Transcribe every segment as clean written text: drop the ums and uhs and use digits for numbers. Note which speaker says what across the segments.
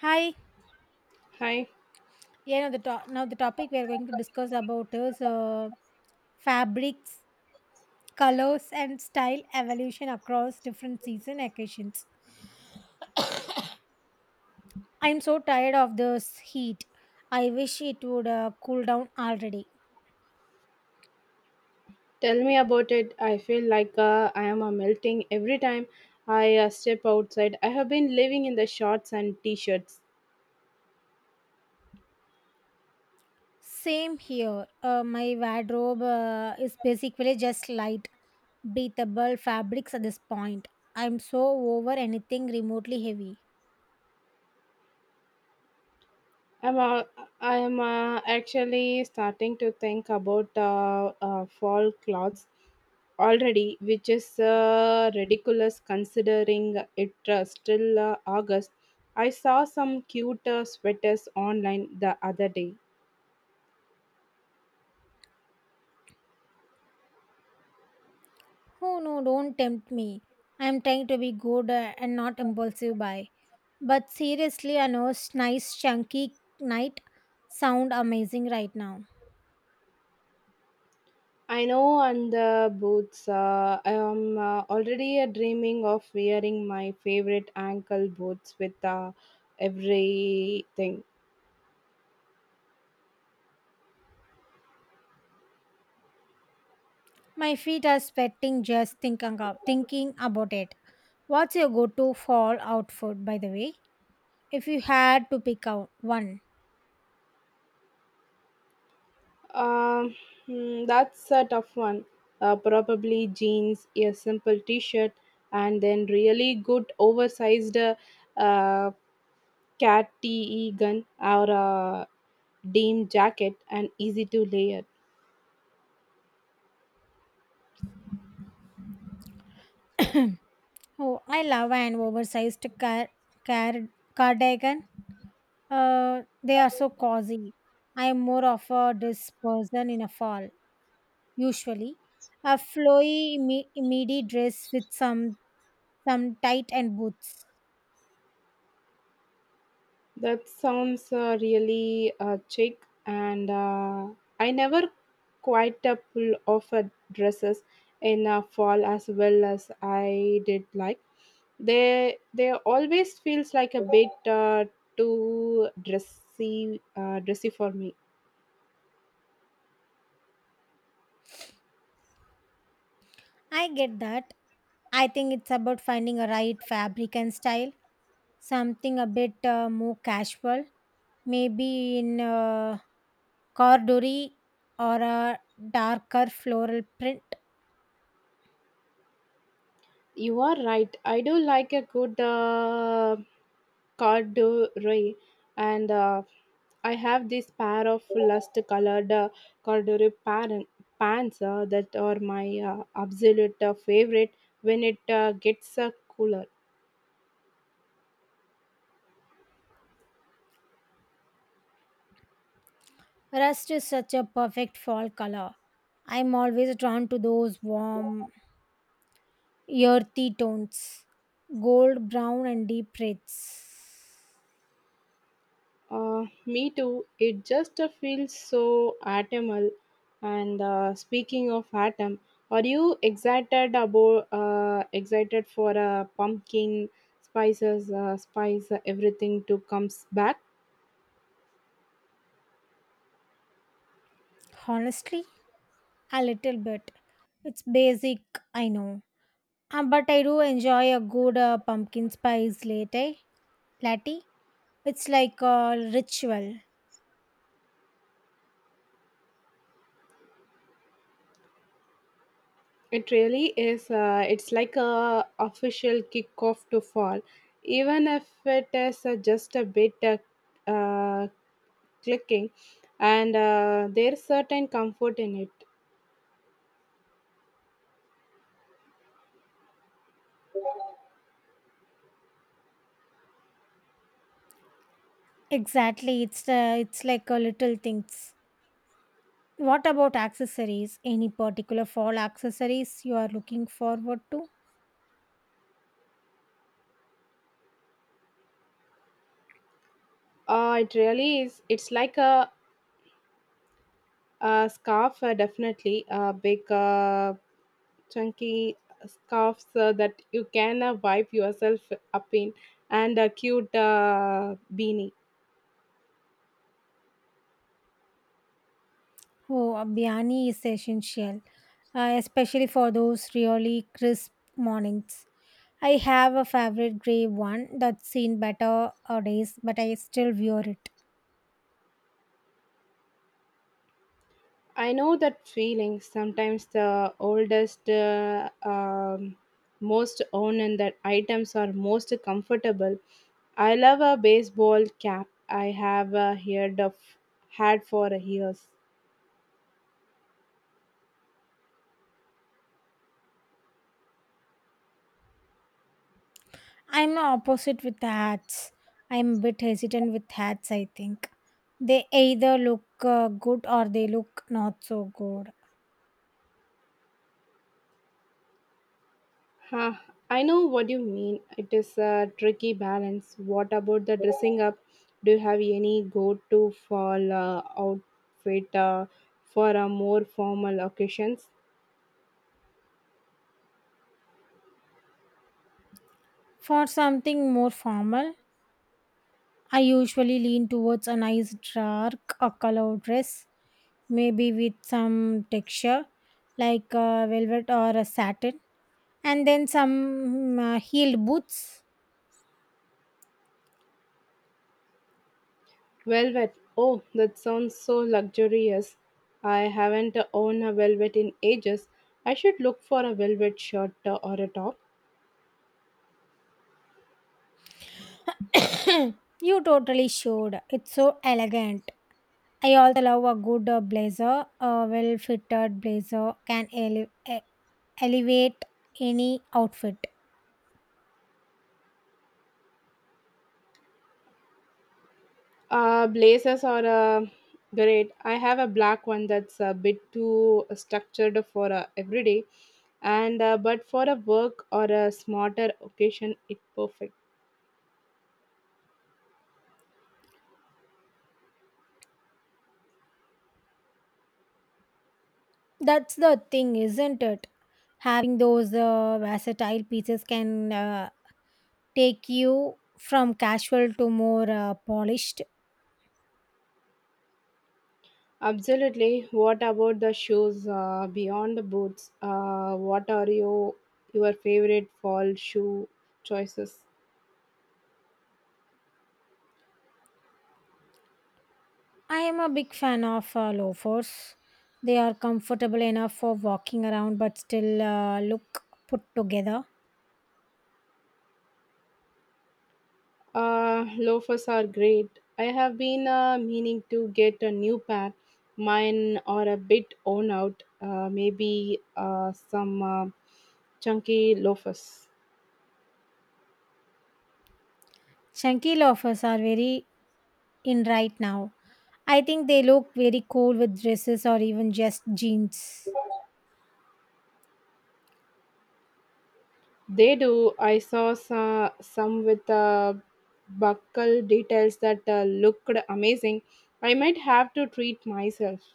Speaker 1: Hi.
Speaker 2: Hi,
Speaker 1: Yeah, now the now the topic we are going to discuss about is fabrics, colors, and style evolution across different season occasions. I'm so tired of this heat. I wish it would cool down already.
Speaker 2: tell me about it. I feel like I am melting every time I step outside. I have been living in the shorts and t-shirts.
Speaker 1: Same here. My wardrobe is basically just light, breathable fabrics at this point. I'm so over anything remotely heavy.
Speaker 2: I'm uh, I am actually starting to think about fall clothes already, which is ridiculous considering it still August. I saw some cute sweaters online the other day.
Speaker 1: Oh no, don't tempt me. I'm trying to be good and not impulsive buy. But seriously, Anu's nice chunky night sound amazing right now.
Speaker 2: I know, and the boots. I am already dreaming of wearing my favorite ankle boots with everything.
Speaker 1: My feet are sweating just thinking about it. What's your go-to fall outfit, by the way? If you had to pick out one.
Speaker 2: Um, hmm, that's a tough one. Probably jeans, a simple t-shirt, and then really good oversized uh, cat tee gun or a denim jacket, and easy to layer.
Speaker 1: Oh, I love an oversized car cardigan. They are so cozy. I am more of a dress person in a fall, usually a flowy midi dress with some tight and boots.
Speaker 2: That sounds really chic, and I never quite a pull off dresses in fall as well as I did like. They always feels like a bit too dressy dressy for me.
Speaker 1: I get that. I think it's about finding a right fabric and style, something a bit more casual, maybe in a corduroy or a darker floral print.
Speaker 2: You are right. I do like a good corduroy, and I have this pair of lust colored corduroy pants that are my absolute favorite when it gets cooler.
Speaker 1: Rust is such a perfect fall color. I'm always drawn to those warm, earthy tones, gold, brown, and deep reds.
Speaker 2: Me too. It just feels so atomal. And speaking of atom, are you excited about excited for pumpkin spice everything to comes back?
Speaker 1: Honestly, a little bit. It's basic, I know. But I do enjoy a good pumpkin spice latte. Latte. It's like a ritual.
Speaker 2: It really is. It's like a official kickoff to fall, even if it is just a bit uh, clicking, and there's certain comfort in it.
Speaker 1: Exactly. It's like a little things. What about accessories? Any particular fall accessories you are looking forward to?
Speaker 2: It really is. It's like a scarf, definitely. Big, chunky scarves that you can wipe yourself up in, and a cute beanie.
Speaker 1: Oh, a biani is essential, especially for those really crisp mornings. I have a favorite gray one that's seen better days, but I still wear it.
Speaker 2: I know that feeling. Sometimes the oldest, most owned and that items are most comfortable. I love a baseball cap. I have heard of had for years.
Speaker 1: I'm opposite with hats. I'm a bit hesitant with hats, I think. They either look good or they look not so good.
Speaker 2: Huh, I know what you mean. It is a tricky balance. What about the dressing up? Do you have any go to fall outfit for a more formal occasions?
Speaker 1: For something more formal, I usually lean towards a nice dark or colored dress, maybe with some texture like velvet or a satin, and then some heeled boots.
Speaker 2: Velvet. Oh, that sounds so luxurious. I haven't owned a velvet in ages. I should look for a velvet shirt or a top.
Speaker 1: You totally showed. It's so elegant. I also love a good blazer. A well fitted blazer can elevate any outfit.
Speaker 2: Blazers are great. I have a black one that's a bit too structured for everyday, and but for a work or a smarter occasion, it perfect.
Speaker 1: That's the thing, isn't it? Having those versatile pieces can take you from casual to more polished.
Speaker 2: Absolutely. What about the shoes beyond the boots? What are your favorite fall shoe choices?
Speaker 1: I am a big fan of loafers. They are comfortable enough for walking around but still look put together.
Speaker 2: Loafers are great. I have been meaning to get a new pair. Mine are a bit worn out. Maybe some chunky loafers.
Speaker 1: Chunky loafers are very in right now. I think they look very cool with dresses or even just jeans.
Speaker 2: They do. I saw some with buckle details that looked amazing. I might have to treat myself.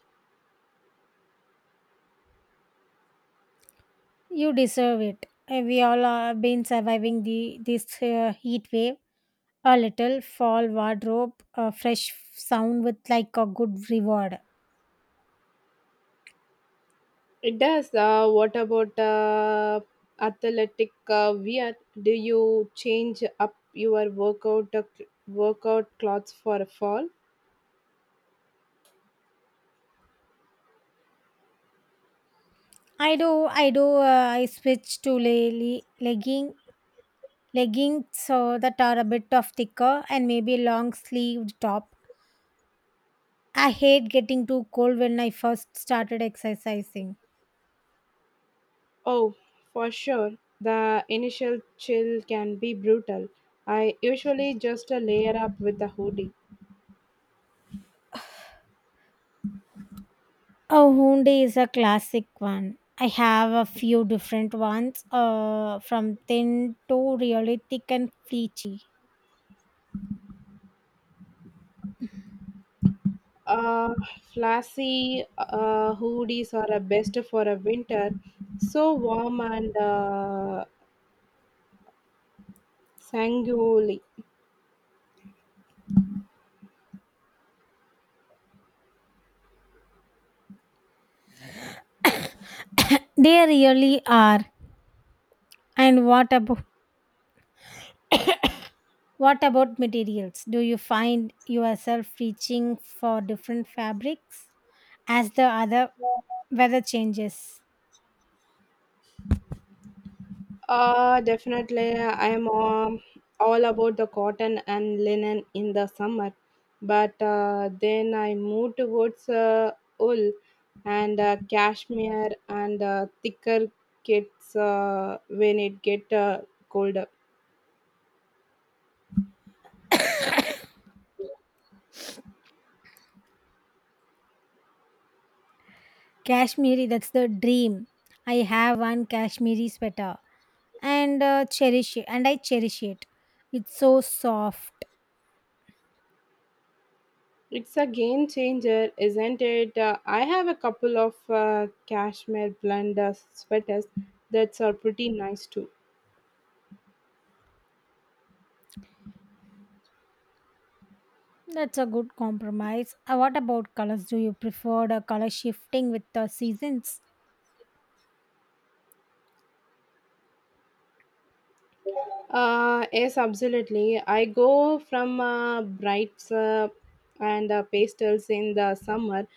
Speaker 1: You deserve it. We all have been surviving the this heat wave. A little fall wardrobe, a fresh sound with like a good reward.
Speaker 2: It does. What about athletic wear? Do you change up your workout workout clothes for fall?
Speaker 1: I do, I do. I switch to lely legging leggings so that are a bit of thicker and maybe long sleeved top. I hate getting too cold when I first started exercising.
Speaker 2: Oh, for sure. The initial chill can be brutal. I usually just layer up with a hoodie.
Speaker 1: Oh, Hyundai is a classic one. I have a few different ones, from thin to really thick and fleechy.
Speaker 2: Uh, Flashy hoodies are best for a winter. So warm and sanguine.
Speaker 1: They really are. And what about materials? Do you find yourself reaching for different fabrics as the other weather changes?
Speaker 2: Definitely, I am all about the cotton and linen in the summer, but then I moved towards wool and cashmere and thicker kits when it get colder.
Speaker 1: Kashmiri, that's the dream. I have one Kashmiri sweater and I cherish it. It's so soft.
Speaker 2: It's a game changer, isn't it? I have a couple of cashmere blend sweaters that are pretty nice too.
Speaker 1: That's a good compromise. What about colors? Do you prefer the color shifting with the seasons?
Speaker 2: Yes, absolutely. I go from brights and pastels in the summer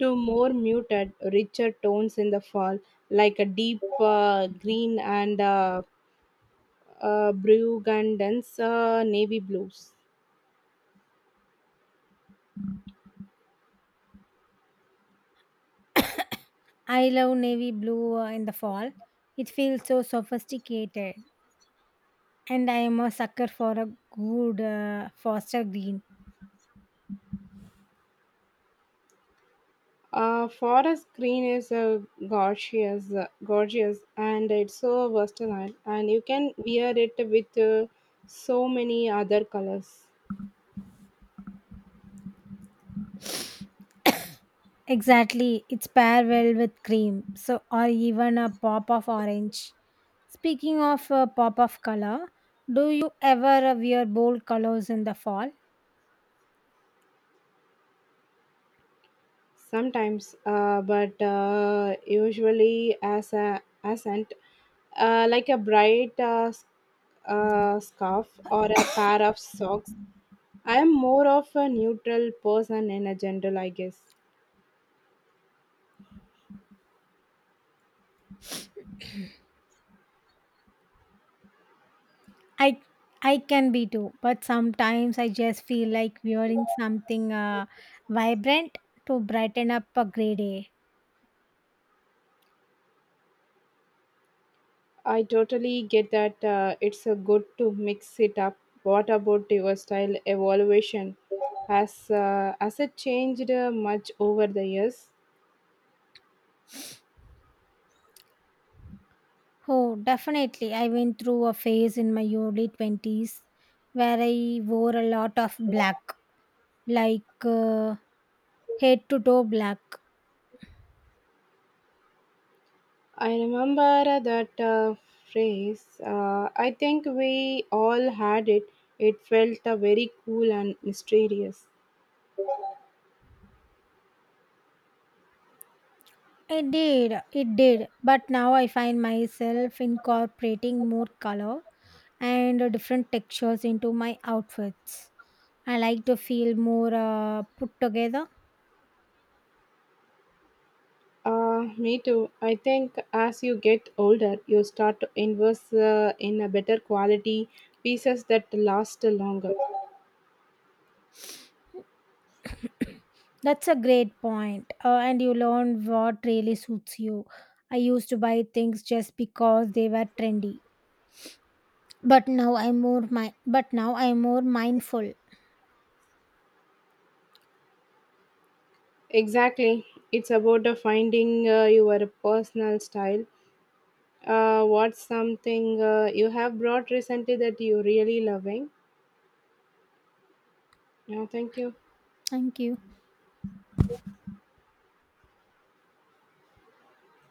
Speaker 2: to more muted, richer tones in the fall, like a deep green and burgundy's, navy blues.
Speaker 1: I love navy blue in the fall. It feels so sophisticated. And I am a sucker for a good foster green.
Speaker 2: Forest green is gorgeous, and it's so versatile, and you can wear it with so many other colors.
Speaker 1: Exactly. It's pair well with cream. So, or even a pop of orange. Speaking of a pop of color, do you ever wear bold colors in the fall?
Speaker 2: Sometimes but usually as a accent like a bright scarf or a pair of socks. I am more of a neutral person in a general I guess.
Speaker 1: I I can be too, but sometimes I just feel like wearing something vibrant to brighten up a gray day.
Speaker 2: I totally get that, it's a good to mix it up. What about your style evaluation, has it changed much over the years?
Speaker 1: Oh, definitely. I went through a phase in my early 20s where I wore a lot of black, like head to toe black.
Speaker 2: I remember that phrase. I think we all had it. It felt very cool and mysterious.
Speaker 1: It did. But now I find myself incorporating more color and different textures into my outfits. I like to feel more put together.
Speaker 2: Me too. I think as you get older, you start to invest in a better quality pieces that last longer.
Speaker 1: That's a great point. And you learn what really suits you. I used to buy things just because they were trendy, but now I'm more mi- but now I'm more mindful.
Speaker 2: Exactly. It's about finding your personal style. What's something you have brought recently that you really loving? Yeah, thank you.
Speaker 1: Thank you.